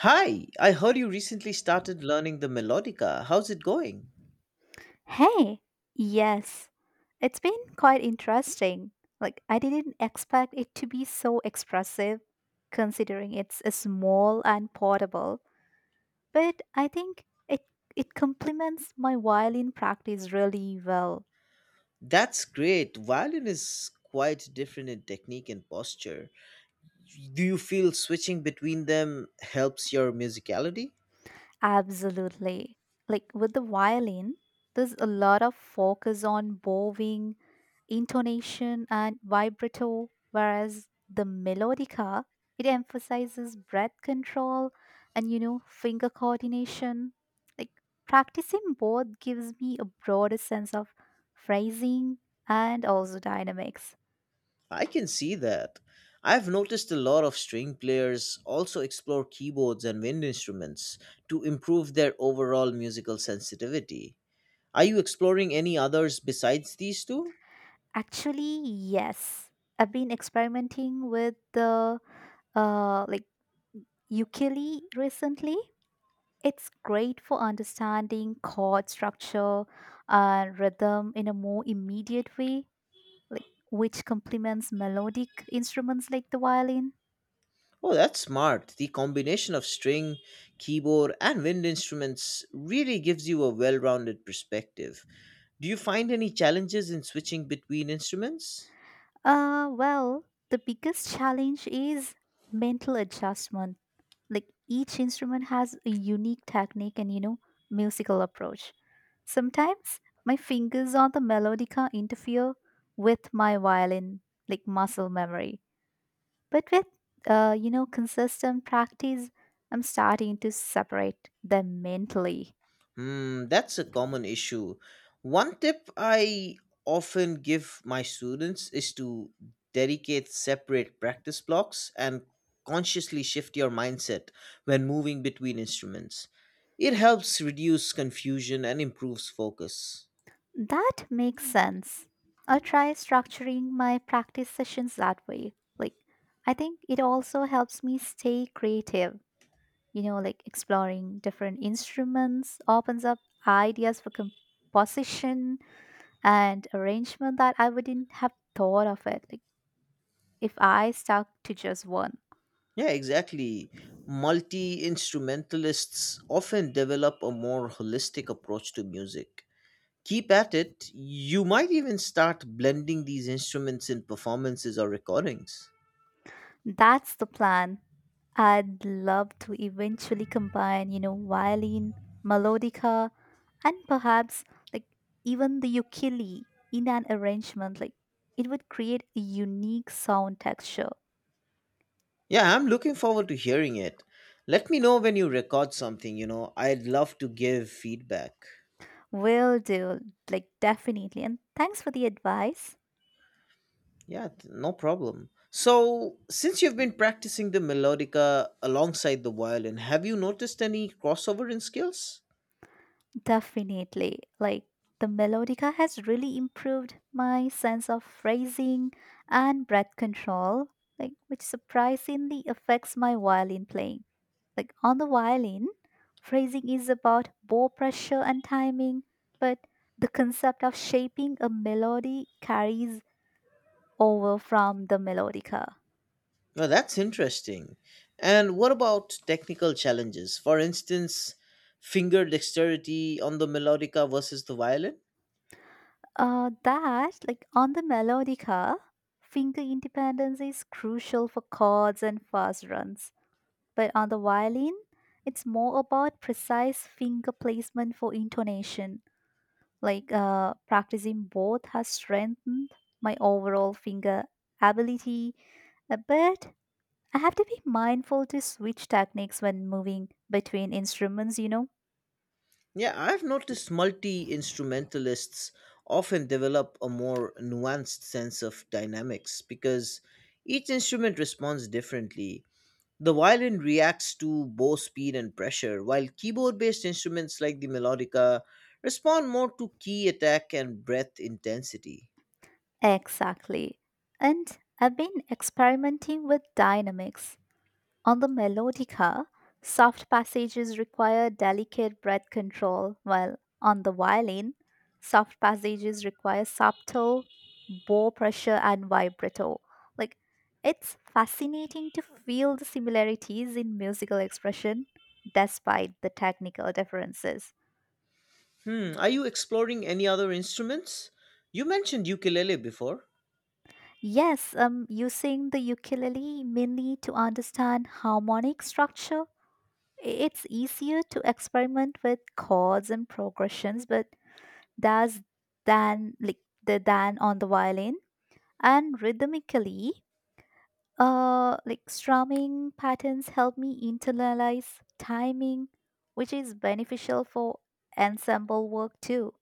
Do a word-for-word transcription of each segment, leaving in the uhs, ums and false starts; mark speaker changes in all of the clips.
Speaker 1: Hi, I heard you recently started learning the melodica. How's it going?
Speaker 2: Hey, yes, it's been quite interesting. Like, I didn't expect it to be so expressive, considering it's a small and portable. But I think it it complements my violin practice really well.
Speaker 1: That's great. Violin is quite different in technique and posture. Do you feel switching between them helps your musicality?
Speaker 2: Absolutely. Like with the violin, there's a lot of focus on bowing, intonation, and vibrato, whereas the melodica, it emphasizes breath control and, you know, finger coordination. Like practicing both gives me a broader sense of phrasing and also dynamics.
Speaker 1: I can see that. I've noticed a lot of string players also explore keyboards and wind instruments to improve their overall musical sensitivity. Are you exploring any others besides these two?
Speaker 2: Actually, yes. I've been experimenting with the uh like ukulele recently. It's great for understanding chord structure and rhythm in a more immediate way, like which complements melodic instruments like the violin.
Speaker 1: Oh, that's smart. The combination of string, keyboard, and wind instruments really gives you a well rounded perspective. Do you find any challenges in switching between instruments?
Speaker 2: Uh, well, the biggest challenge is mental adjustment. Like each instrument has a unique technique and, you know, musical approach. Sometimes my fingers on the melodica interfere with my violin, like muscle memory. But with, uh, you know, consistent practice, I'm starting to separate them mentally.
Speaker 1: Hmm, that's a common issue. One tip I often give my students is to dedicate separate practice blocks and consciously shift your mindset when moving between instruments. It helps reduce confusion and improves focus.
Speaker 2: That makes sense. I'll try structuring my practice sessions that way. Like, I think it also helps me stay creative. You know, like exploring different instruments opens up ideas for composition and arrangement that I wouldn't have thought of it. Like, if I stuck to just one.
Speaker 1: Yeah, exactly. Multi instrumentalists often develop a more holistic approach to music. Keep at it, you might even start blending these instruments in performances or recordings.
Speaker 2: That's the plan. I'd love to eventually combine, you know, violin, melodica, and perhaps like even the ukulele in an arrangement. Like it would create a unique sound texture.
Speaker 1: Yeah, I'm looking forward to hearing it. Let me know when you record something, you know, I'd love to give feedback.
Speaker 2: Will do, like definitely. And thanks for the advice.
Speaker 1: Yeah, th- no problem. So, since you've been practicing the melodica alongside the violin, have you noticed any crossover in skills?
Speaker 2: Definitely. Like the melodica has really improved my sense of phrasing and breath control, like which surprisingly affects my violin playing. Like on the violin, phrasing is about bow pressure and timing, but the concept of shaping a melody carries over from the melodica.
Speaker 1: Well, that's interesting. And what about technical challenges? For instance, finger dexterity on the melodica versus the violin?
Speaker 2: Uh, that, like on the melodica, finger independence is crucial for chords and fast runs. But on the violin, it's more about precise finger placement for intonation. Like uh, practicing both has strengthened my overall finger ability, uh, but I have to be mindful to switch techniques when moving between instruments, you know?
Speaker 1: Yeah, I've noticed multi instrumentalists often develop a more nuanced sense of dynamics because each instrument responds differently. The violin reacts to bow speed and pressure, while keyboard based instruments like the melodica respond more to key attack and breath intensity.
Speaker 2: Exactly. And I've been experimenting with dynamics. On the melodica, soft passages require delicate breath control, while on the violin, soft passages require subtle bow pressure and vibrato. Like, it's fascinating to feel the similarities in musical expression despite the technical differences.
Speaker 1: Hmm, are you exploring any other instruments? You mentioned ukulele before.
Speaker 2: Yes, um, using the ukulele mainly to understand harmonic structure. It's easier to experiment with chords and progressions, but there's Dan, like the Dan on the violin, and rhythmically uh like strumming patterns help me internalize timing which is beneficial for ensemble work too.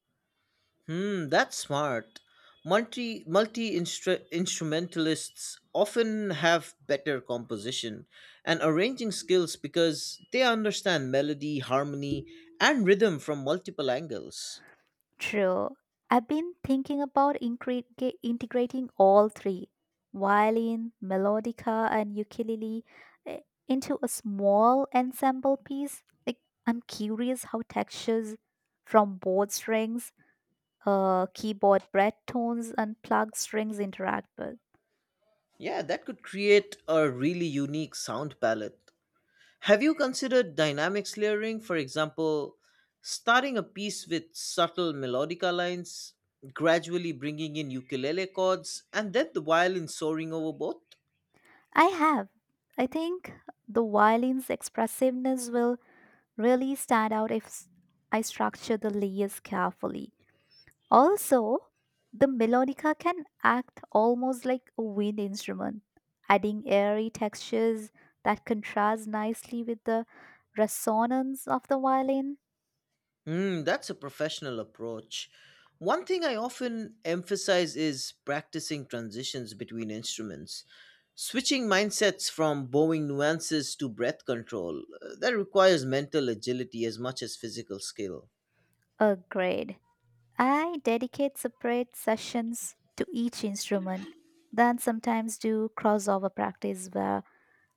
Speaker 1: Hmm, that's smart. Multi multi instrumentalists often have better composition and arranging skills because they understand melody, harmony, and rhythm from multiple angles.
Speaker 2: True. I've been thinking about incre- ge- integrating all three: violin, melodica, and ukulele, eh, into a small ensemble piece. Like, I'm curious how textures from both strings, uh, keyboard breadtones and plugged strings interact with.
Speaker 1: Yeah, that could create a really unique sound palette. Have you considered dynamics layering? For example, starting a piece with subtle melodica lines, gradually bringing in ukulele chords, and then the violin soaring over both?
Speaker 2: I have. I think the violin's expressiveness will really stand out if s- I structure the layers carefully. Also, the melodica can act almost like a wind instrument, adding airy textures that contrast nicely with the resonance of the violin.
Speaker 1: Hmm, that's a professional approach. One thing I often emphasize is practicing transitions between instruments, switching mindsets from bowing nuances to breath control. Uh, That requires mental agility as much as physical skill.
Speaker 2: Agreed. I dedicate separate sessions to each instrument, then sometimes do crossover practice where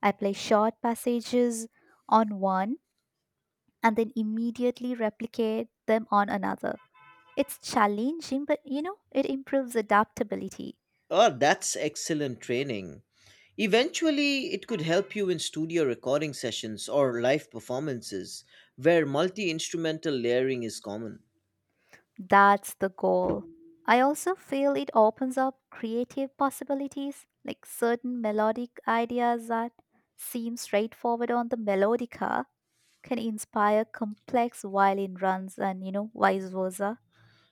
Speaker 2: I play short passages on one and then immediately replicate them on another. It's challenging, but you know, it improves adaptability.
Speaker 1: Oh, that's excellent training. Eventually, it could help you in studio recording sessions or live performances where multi instrumental layering is common.
Speaker 2: That's the goal. I also feel it opens up creative possibilities, like certain melodic ideas that seem straightforward on the melodica can inspire complex violin runs and, you know, vice versa.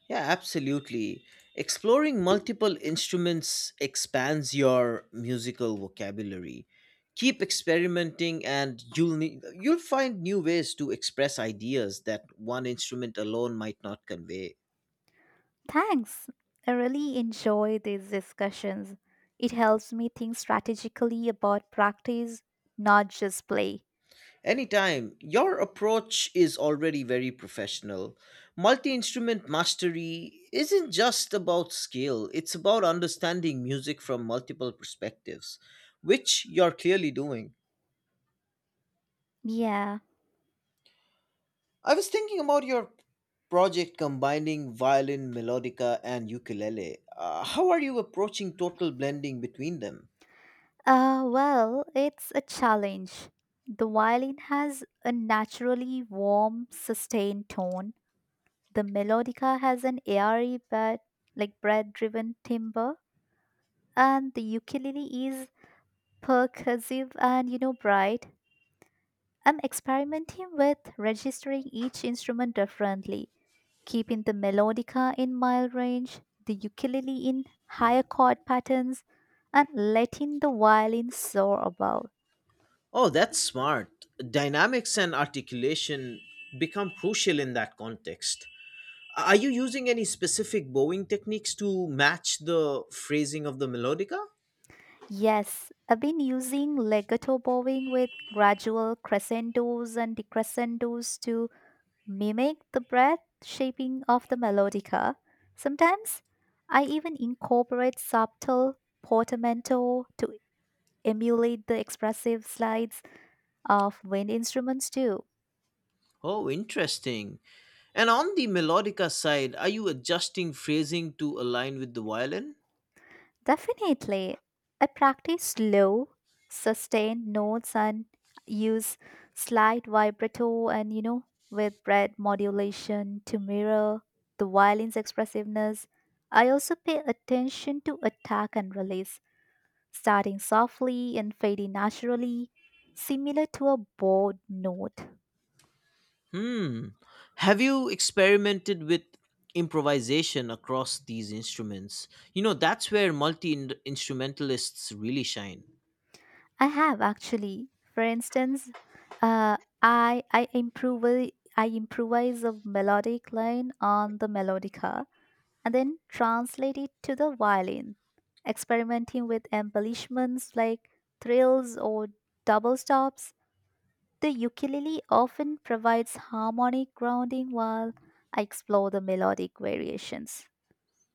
Speaker 1: Yeah, absolutely. Exploring multiple instruments expands your musical vocabulary. Keep experimenting and you'll need, you'll find new ways to express ideas that one instrument alone might not convey.
Speaker 2: Thanks. I really enjoy these discussions. It helps me think strategically about practice, not just play.
Speaker 1: Anytime. Your approach is already very professional. Multi instrument mastery isn't just about skill, it's about understanding music from multiple perspectives, which you're clearly doing.
Speaker 2: Yeah.
Speaker 1: I was thinking about your project combining violin, melodica, and ukulele. Uh, how are you approaching total blending between them?
Speaker 2: Uh, well, it's a challenge. The violin has a naturally warm, sustained tone. The melodica has an airy but like bread-driven timbre, and the ukulele is percussive and, you know, bright. I'm experimenting with registering each instrument differently, keeping the melodica in mild range, the ukulele in higher chord patterns, and letting the violin soar above.
Speaker 1: Oh, that's smart. Dynamics and articulation become crucial in that context. Are you using any specific bowing techniques to match the phrasing of the melodica?
Speaker 2: Yes, I've been using legato bowing with gradual crescendos and decrescendos to mimic the breath shaping of the melodica. Sometimes I even incorporate subtle portamento to emulate the expressive slides of wind instruments too.
Speaker 1: Oh, interesting. And on the melodica side, are you adjusting phrasing to align with the violin?
Speaker 2: Definitely. I practice low, sustained notes and use slight vibrato and, you know, with breath modulation to mirror the violin's expressiveness. I also pay attention to attack and release, starting softly and fading naturally, similar to a bowed note.
Speaker 1: Hmm. Have you experimented with improvisation across these instruments? You know, that's where multi instrumentalists really shine.
Speaker 2: I have actually. For instance, uh, I I improv I improvise a melodic line on the melodica and then translate it to the violin, experimenting with embellishments like thrills or double stops. The ukulele often provides harmonic grounding while I explore the melodic variations.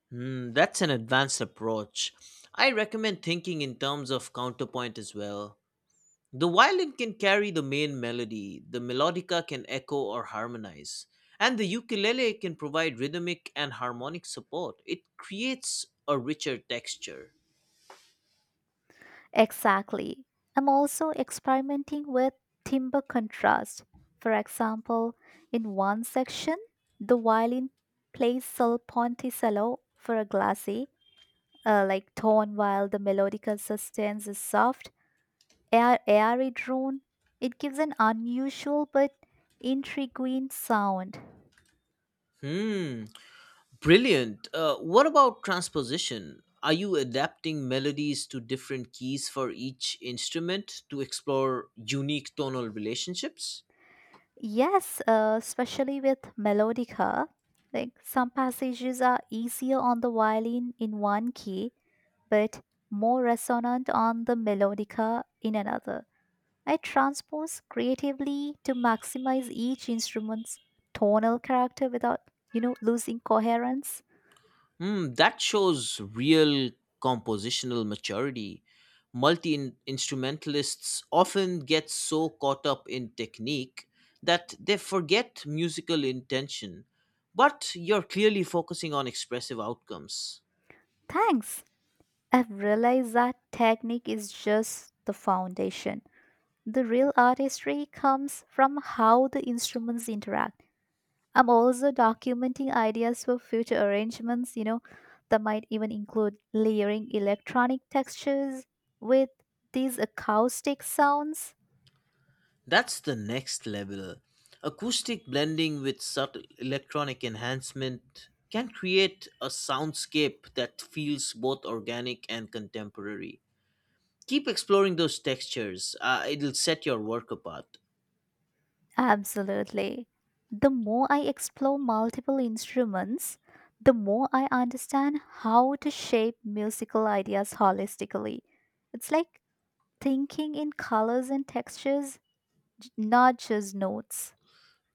Speaker 1: Hmm, that's an advanced approach. I recommend thinking in terms of counterpoint as well. The violin can carry the main melody, the melodica can echo or harmonize, and the ukulele can provide rhythmic and harmonic support. It creates a richer texture.
Speaker 2: Exactly. I'm also experimenting with timbre contrast. For example, in one section, the violin plays sol ponte cello for a glassy, uh, like tone, while the melodic sustain is soft, air, airy drone. It gives an unusual but intriguing sound.
Speaker 1: Hmm, brilliant. Uh, what about transposition? Are you adapting melodies to different keys for each instrument to explore unique tonal relationships?
Speaker 2: Yes, uh, especially with melodica. Like some passages are easier on the violin in one key, but more resonant on the melodica in another. I transpose creatively to maximize each instrument's tonal character without, you know, losing coherence.
Speaker 1: Hmm, that shows real compositional maturity. Multi instrumentalists often get so caught up in technique that they forget musical intention, but you're clearly focusing on expressive outcomes.
Speaker 2: Thanks. I've realized that technique is just the foundation. The real artistry comes from how the instruments interact. I'm also documenting ideas for future arrangements, you know, that might even include layering electronic textures with these acoustic sounds.
Speaker 1: That's the next level. Acoustic blending with subtle electronic enhancement can create a soundscape that feels both organic and contemporary. Keep exploring those textures, uh, it'll set your work apart.
Speaker 2: Absolutely. The more I explore multiple instruments, the more I understand how to shape musical ideas holistically. It's like thinking in colors and textures, not just notes.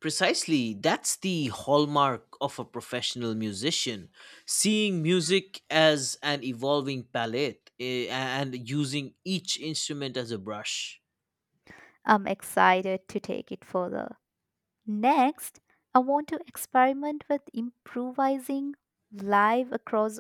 Speaker 1: Precisely, that's the hallmark of a professional musician seeing music as an evolving palette eh, and using each instrument as a brush.
Speaker 2: I'm excited to take it further. Next, I want to experiment with improvising live across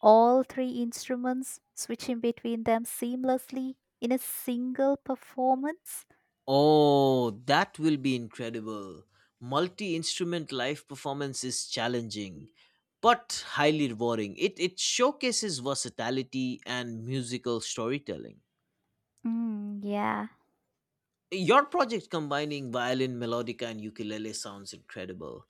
Speaker 2: all three instruments, switching between them seamlessly in a single performance.
Speaker 1: Oh, that will be incredible. Multi instrument live performance is challenging, but highly rewarding. It, it showcases versatility and musical storytelling.
Speaker 2: Mm, yeah,
Speaker 1: Your project combining violin, melodica, and ukulele sounds incredible.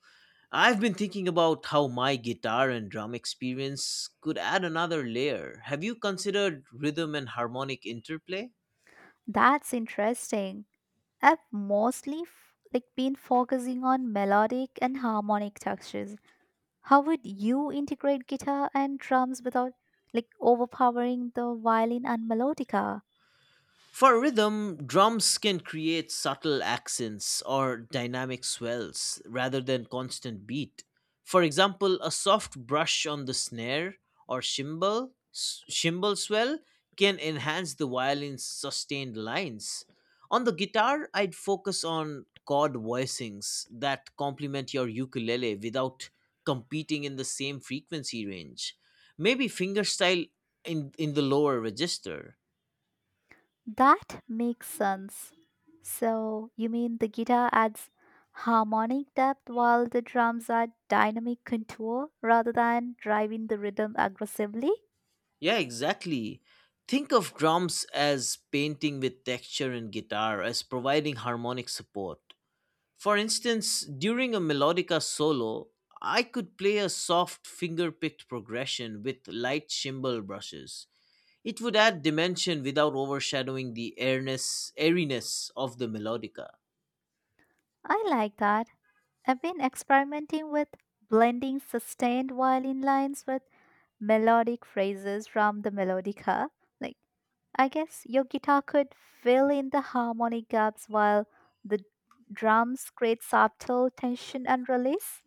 Speaker 1: I've been thinking about how my guitar and drum experience could add another layer. Have you considered rhythm and harmonic interplay?
Speaker 2: that's interesting. I've mostly f- like been focusing on melodic and harmonic textures. How would you integrate guitar and drums without like overpowering the violin and melodica?
Speaker 1: For rhythm, drums can create subtle accents or dynamic swells rather than constant beat. For example, a soft brush on the snare or cymbal, s- cymbal swell can enhance the violin's sustained lines. On the guitar, I'd focus on chord voicings that complement your ukulele without competing in the same frequency range. Maybe fingerstyle in, in the lower register.
Speaker 2: That makes sense. So, you mean the guitar adds harmonic depth while the drums add dynamic contour rather than driving the rhythm aggressively?
Speaker 1: Yeah, exactly. Think of drums as painting with texture and guitar as providing harmonic support. For instance, during a melodica solo, I could play a soft finger picked progression with light cymbal brushes. It would add dimension without overshadowing the airness, airiness of the melodica.
Speaker 2: I like that. I've been experimenting with blending sustained violin lines with melodic phrases from the melodica. Like, I guess your guitar could fill in the harmonic gaps while the drums create subtle tension and release.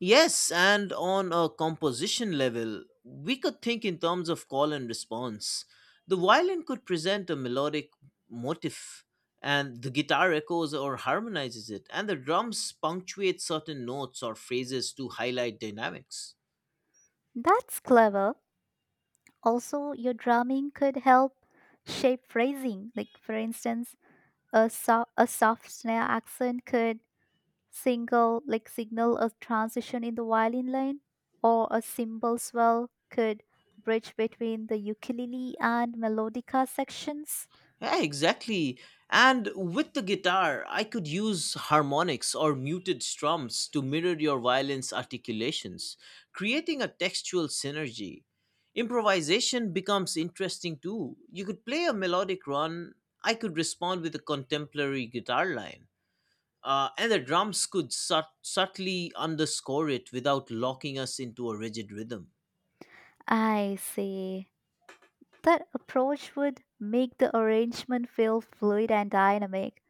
Speaker 1: Yes, and on a composition level, we could think in terms of call and response. The violin could present a melodic motif, and the guitar echoes or harmonizes it, and the drums punctuate certain notes or phrases to highlight dynamics.
Speaker 2: That's clever. Also, your drumming could help shape phrasing. Like, for instance, a, so- a soft snare accent could single, like, signal a transition in the violin line, or a cymbal swell could bridge between the ukulele and melodica sections.
Speaker 1: Yeah, exactly. And with the guitar, I could use harmonics or muted strums to mirror your violin's articulations, creating a textual synergy. Improvisation becomes interesting too. You could play a melodic run, I could respond with a contemporary guitar line. Uh, and the drums could sut- subtly underscore it without locking us into a rigid rhythm.
Speaker 2: I see. That approach would make the arrangement feel fluid and dynamic.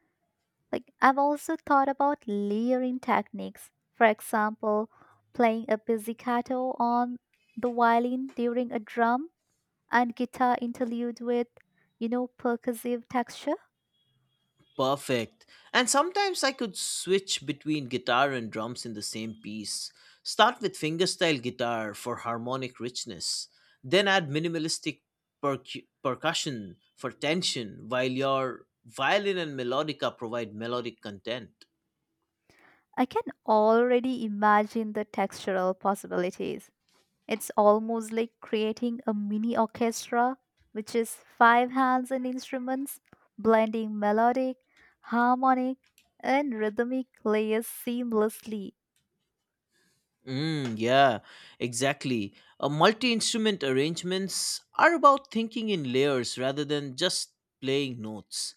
Speaker 2: Like I've also thought about layering techniques. For example, playing a pizzicato on the violin during a drum and guitar interlude with, you know, percussive texture.
Speaker 1: Perfect. And sometimes I could switch between guitar and drums in the same piece. Start with fingerstyle guitar for harmonic richness, then add minimalistic percu- percussion for tension, while your violin and melodica provide melodic content.
Speaker 2: I can already imagine the textural possibilities. It's almost like creating a mini orchestra, which is five hands and instruments, blending melodic, harmonic, and rhythmic layers seamlessly.
Speaker 1: Mm, yeah, exactly. Uh, Multi instrument arrangements are about thinking in layers rather than just playing notes.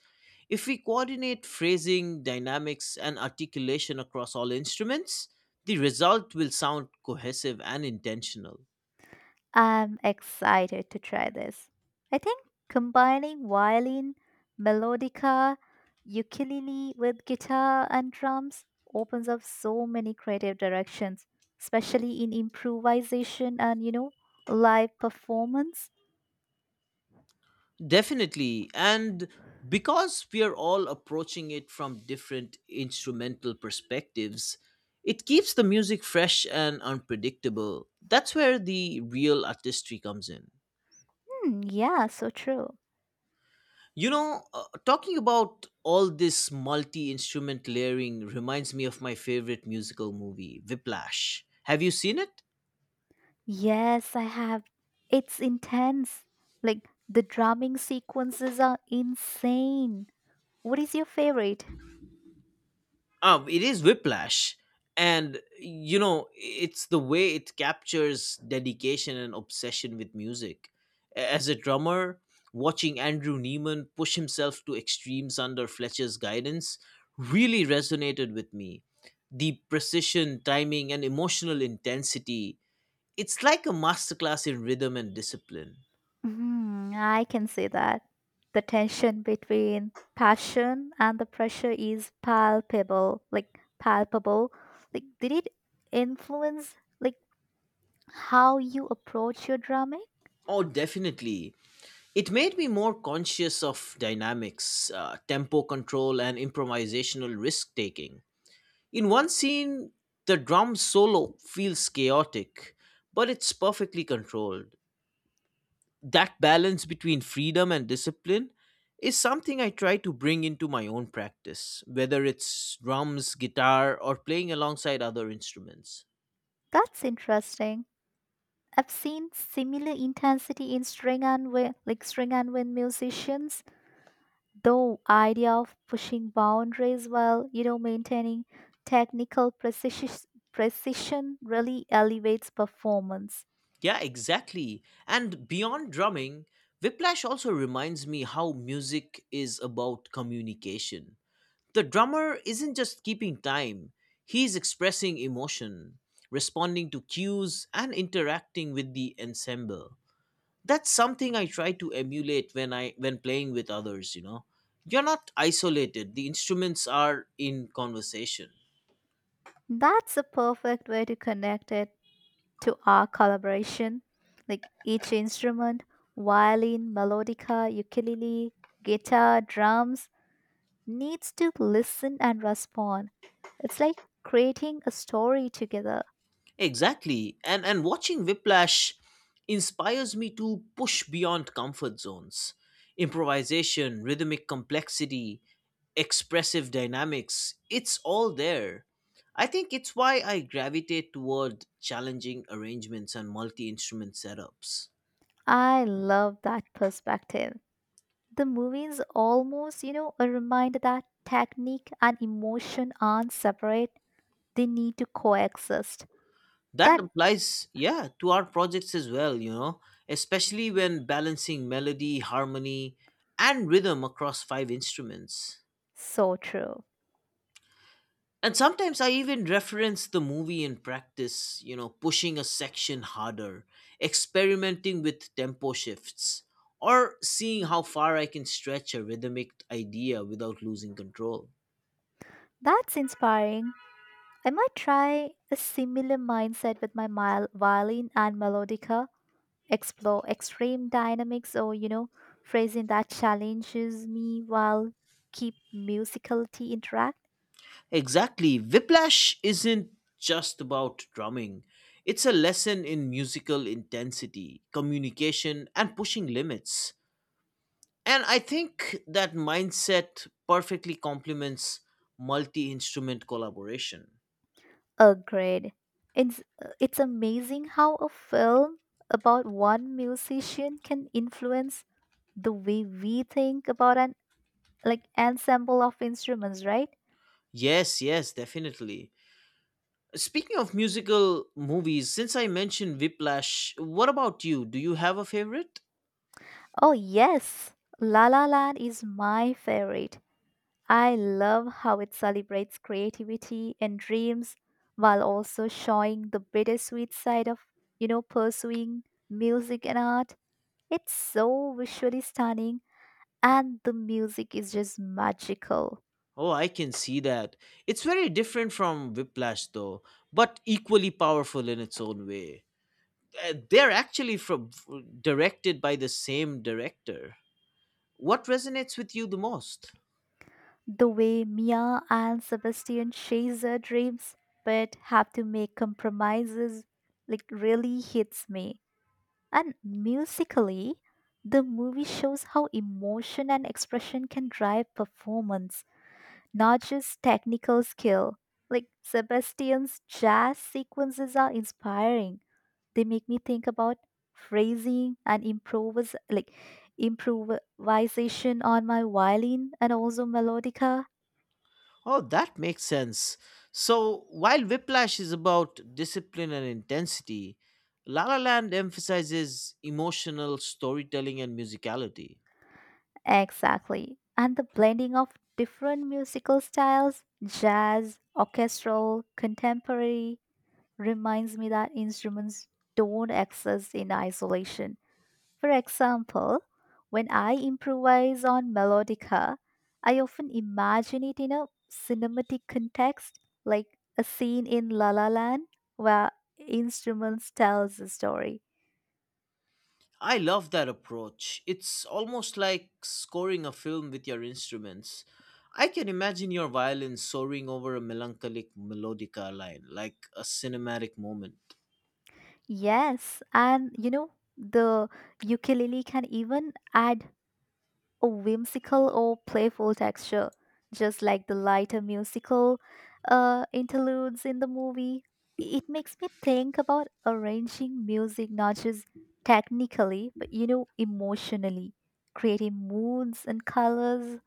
Speaker 1: If we coordinate phrasing, dynamics, and articulation across all instruments, the result will sound cohesive and intentional.
Speaker 2: I'm excited to try this. I think combining violin, melodica, ukulele with guitar and drums opens up so many creative directions, especially in improvisation and, you know, live performance.
Speaker 1: Definitely. And because we are all approaching it from different instrumental perspectives, it keeps the music fresh and unpredictable. That's where the real artistry comes in.
Speaker 2: Hmm, yeah, so true.
Speaker 1: You know, uh, talking about all this multi instrument layering reminds me of my favorite musical movie, Whiplash. Have you seen it?
Speaker 2: Yes, I have. It's intense. Like the drumming sequences are insane. What is your favorite?
Speaker 1: Um it is Whiplash, and you know it's the way it captures dedication and obsession with music. A- as a drummer, watching Andrew Neiman push himself to extremes under Fletcher's guidance really resonated with me. The precision timing and emotional intensity, it's like a masterclass in rhythm and discipline.
Speaker 2: Mhm, I can see that. The tension between passion and the pressure is palpable, like palpable. Like did it influence like how you approach your drumming?
Speaker 1: Oh, definitely. It made me more conscious of dynamics, uh, tempo control, and improvisational risk taking. In one scene, the drum solo feels chaotic, but it's perfectly controlled. That balance between freedom and discipline is something I try to bring into my own practice, whether it's drums, guitar, or playing alongside other instruments.
Speaker 2: That's interesting. I've seen similar intensity in string and wind, like string and wind musicians, though idea of pushing boundaries while, you know, maintaining technical precision precision really elevates performance.
Speaker 1: Yeah, exactly. And beyond drumming, Whiplash also reminds me how music is about communication. The drummer isn't just keeping time, he's expressing emotion, responding to cues, and interacting with the ensemble. That's something I try to emulate when I when playing with others, you know. You're not isolated. The instruments are in conversation.
Speaker 2: That's a perfect way to connect it to our collaboration. Like each instrument, violin, melodica, ukulele, guitar, drums, needs to listen and respond. It's like creating a story together.
Speaker 1: Exactly. And and watching Whiplash inspires me to push beyond comfort zones. Improvisation, rhythmic complexity, expressive dynamics, it's all there. I think it's why I gravitate toward challenging arrangements and multi-instrument setups.
Speaker 2: I love that perspective. The movie is almost, you know, a reminder that technique and emotion aren't separate, they need to coexist.
Speaker 1: That
Speaker 2: That's
Speaker 1: applies, yeah, to our projects as well, you know, especially when balancing melody, harmony, and rhythm across five instruments.
Speaker 2: so true.
Speaker 1: And sometimes I even reference the movie in practice, you know, pushing a section harder, experimenting with tempo shifts, or seeing how far I can stretch a rhythmic idea without losing control.
Speaker 2: That's inspiring. I might try a similar mindset with my mile, violin and melodica, explore extreme dynamics or, you know, phrasing that challenges me while keep musicality interact.
Speaker 1: Exactly. Whiplash isn't just about drumming, it's a lesson in musical intensity, communication, and pushing limits. And I think that mindset perfectly complements multi instrument collaboration.
Speaker 2: Agreed. It's, it's amazing how a film about one musician can influence the way we think about an like ensemble of instruments, right?
Speaker 1: Yes, yes, definitely. Speaking of musical movies, since I mentioned Whiplash, what about you? Do you have a favorite?
Speaker 2: Oh yes, La La Land is my favorite. I love how it celebrates creativity and dreams while also showing the bittersweet side of, you know, pursuing music and art. It's so visually stunning and the music is just magical.
Speaker 1: Oh, I can see that. It's very different from Whiplash, though, but equally powerful in its own way. Uh, They're actually from directed by the same director. What resonates with you the most?
Speaker 2: The way Mia and Sebastian chase their dreams but have to make compromises like really hits me. And musically, the movie shows how emotion and expression can drive performance, not just technical skill. Like Sebastian's jazz sequences are inspiring. They make me think about phrasing and improvis like improvisation on my violin and also melodica.
Speaker 1: Oh, that makes sense. So, while Whiplash is about discipline and intensity, La La Land emphasizes emotional storytelling and musicality.
Speaker 2: Exactly. And the blending of different musical styles, jazz, orchestral, contemporary, reminds me that instruments don't exist in isolation. For example, when I improvise on melodica, I often imagine it in a cinematic context, like a scene in La La Land where instruments tells a story.
Speaker 1: I love that approach. It's almost like scoring a film with your instruments. I can imagine your violin soaring over a melancholic melodica line, like a cinematic moment.
Speaker 2: Yes, and you know the ukulele can even add a whimsical or playful texture, just like the lighter musical uh, interludes in the movie. It makes me think about arranging music not just technically, but you know, emotionally, creating moods and colors.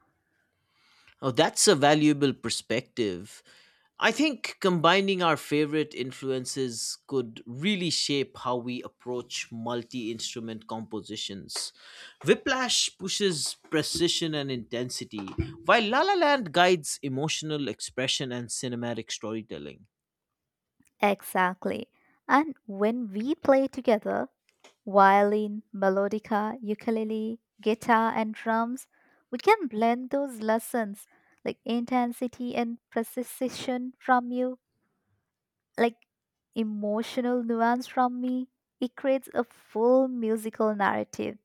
Speaker 1: Oh, that's a valuable perspective. I think combining our favorite influences could really shape how we approach multi instrument compositions. Whiplash pushes precision and intensity, while La La Land guides emotional expression and cinematic storytelling.
Speaker 2: Exactly. And when we play together, violin, melodica, ukulele, guitar, and drums, we can blend those lessons like intensity and precision from you like emotional nuance from me. It creates a full musical narrative.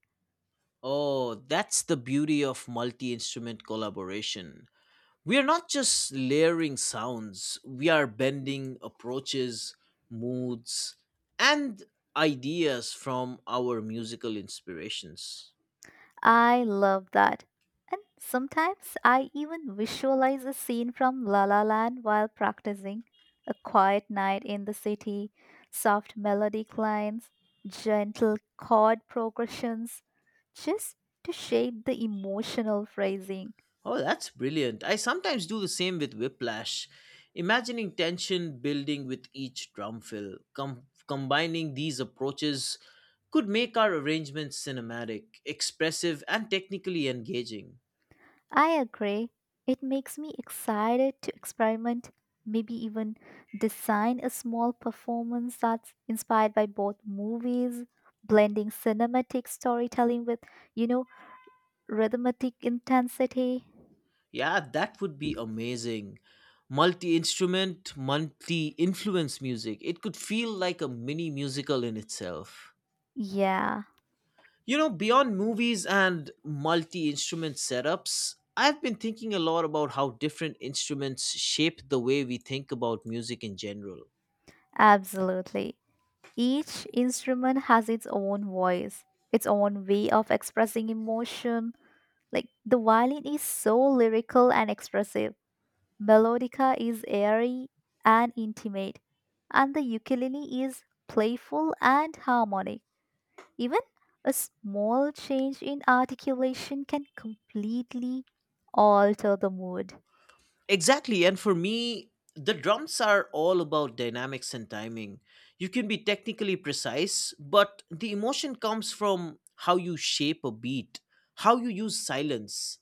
Speaker 1: Oh, that's the beauty of multi instrument collaboration. We are not just layering sounds, we are bending approaches, moods, and ideas from our musical inspirations.
Speaker 2: I love that. And sometimes I even visualize a scene from La La Land while practicing. A quiet night in the city, soft melodic lines, gentle chord progressions, just to shape the emotional phrasing.
Speaker 1: Oh, that's brilliant. I sometimes do the same with Whiplash, imagining tension building with each drum fill. Com- combining these approaches could make our arrangements cinematic, expressive, and technically engaging.
Speaker 2: I agree. It makes me excited to experiment, maybe even design a small performance that's inspired by both movies, blending cinematic storytelling with, you know, rhythmic intensity.
Speaker 1: Yeah, that would be amazing. Multi instrument, multi influence music. It could feel like a mini musical in itself.
Speaker 2: Yeah,
Speaker 1: You know, beyond movies and multi instrument setups, I've been thinking a lot about how different instruments shape the way we think about music in general.
Speaker 2: absolutely. Each instrument has its own voice, its own way of expressing emotion. Like the violin is so lyrical and expressive. Melodica is airy and intimate, and the ukulele is playful and harmonic. Even a small change in articulation can completely alter the mood.
Speaker 1: Exactly. And for me, the drums are all about dynamics and timing. You can be technically precise, but the emotion comes from how you shape a beat, how you use silence,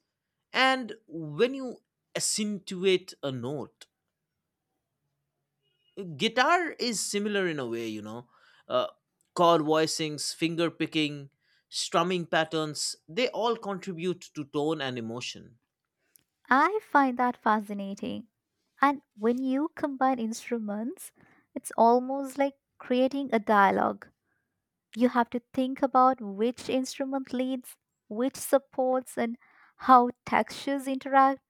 Speaker 1: and when you accentuate a note. Guitar is similar in a way, you know. Uh, chord voicings, finger picking, strumming patterns, they all contribute to tone and emotion.
Speaker 2: I find that fascinating. And when you combine instruments, it's almost like creating a dialogue. You have to think about which instrument leads, which supports, and how textures interact.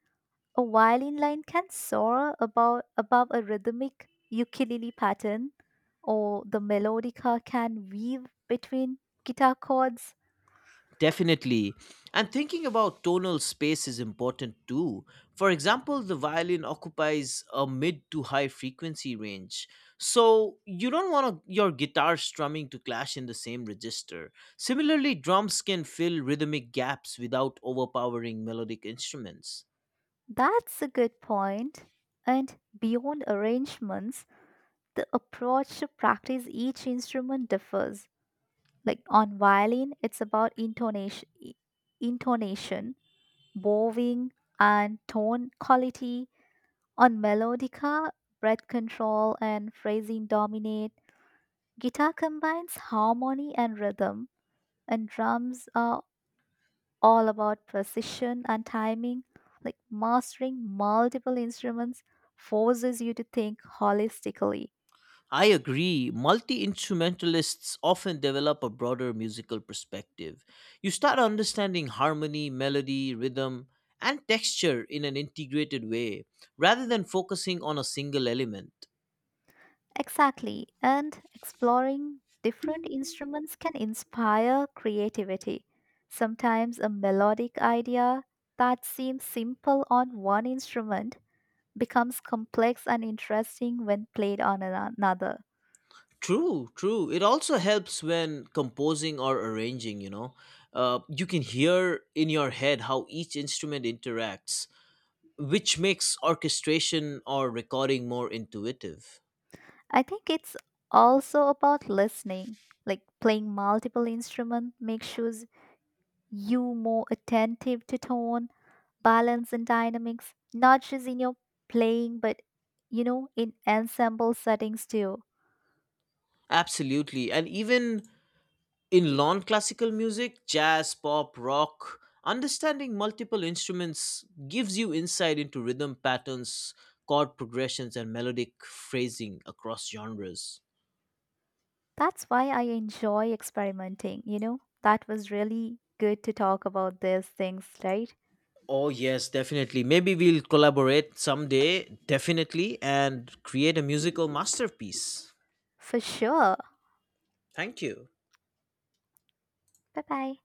Speaker 2: A violin line can soar about, above a rhythmic ukulele pattern, or the melodica can weave between guitar chords.
Speaker 1: Definitely. And thinking about tonal space is important too. For example, the violin occupies a mid to high frequency range. So you don't want to, your guitar strumming to clash in the same register. Similarly, drums can fill rhythmic gaps without overpowering melodic instruments.
Speaker 2: That's a good point. And beyond arrangements, the approach to practice each instrument differs. Like on violin, it's about intonation, intonation, bowing, and tone quality. On melodica, breath control and phrasing dominate. Guitar combines harmony and rhythm, and drums are all about precision and timing. Like mastering multiple instruments forces you to think holistically.
Speaker 1: I agree. Multi instrumentalists often develop a broader musical perspective. You start understanding harmony, melody, rhythm, and texture in an integrated way, rather than focusing on a single element.
Speaker 2: Exactly, and exploring different instruments can inspire creativity. Sometimes a melodic idea that seems simple on one instrument becomes complex and interesting when played on ano- another.
Speaker 1: True, true. It also helps when composing or arranging, you know. Uh, you can hear in your head how each instrument interacts, which makes orchestration or recording more intuitive.
Speaker 2: I think it's also about listening. Like playing multiple instruments makes shoes you more attentive to tone, balance, and dynamics, not just in your playing, but you know, in ensemble settings too.
Speaker 1: Absolutely. And even in non classical music, jazz, pop, rock, understanding multiple instruments gives you insight into rhythm patterns, chord progressions, and melodic phrasing across genres.
Speaker 2: That's why I enjoy experimenting, you know. That was really good to talk about these things, right?
Speaker 1: Oh, yes, definitely. Maybe we'll collaborate someday, definitely, and create a musical masterpiece.
Speaker 2: For sure.
Speaker 1: Thank you.
Speaker 2: Bye bye.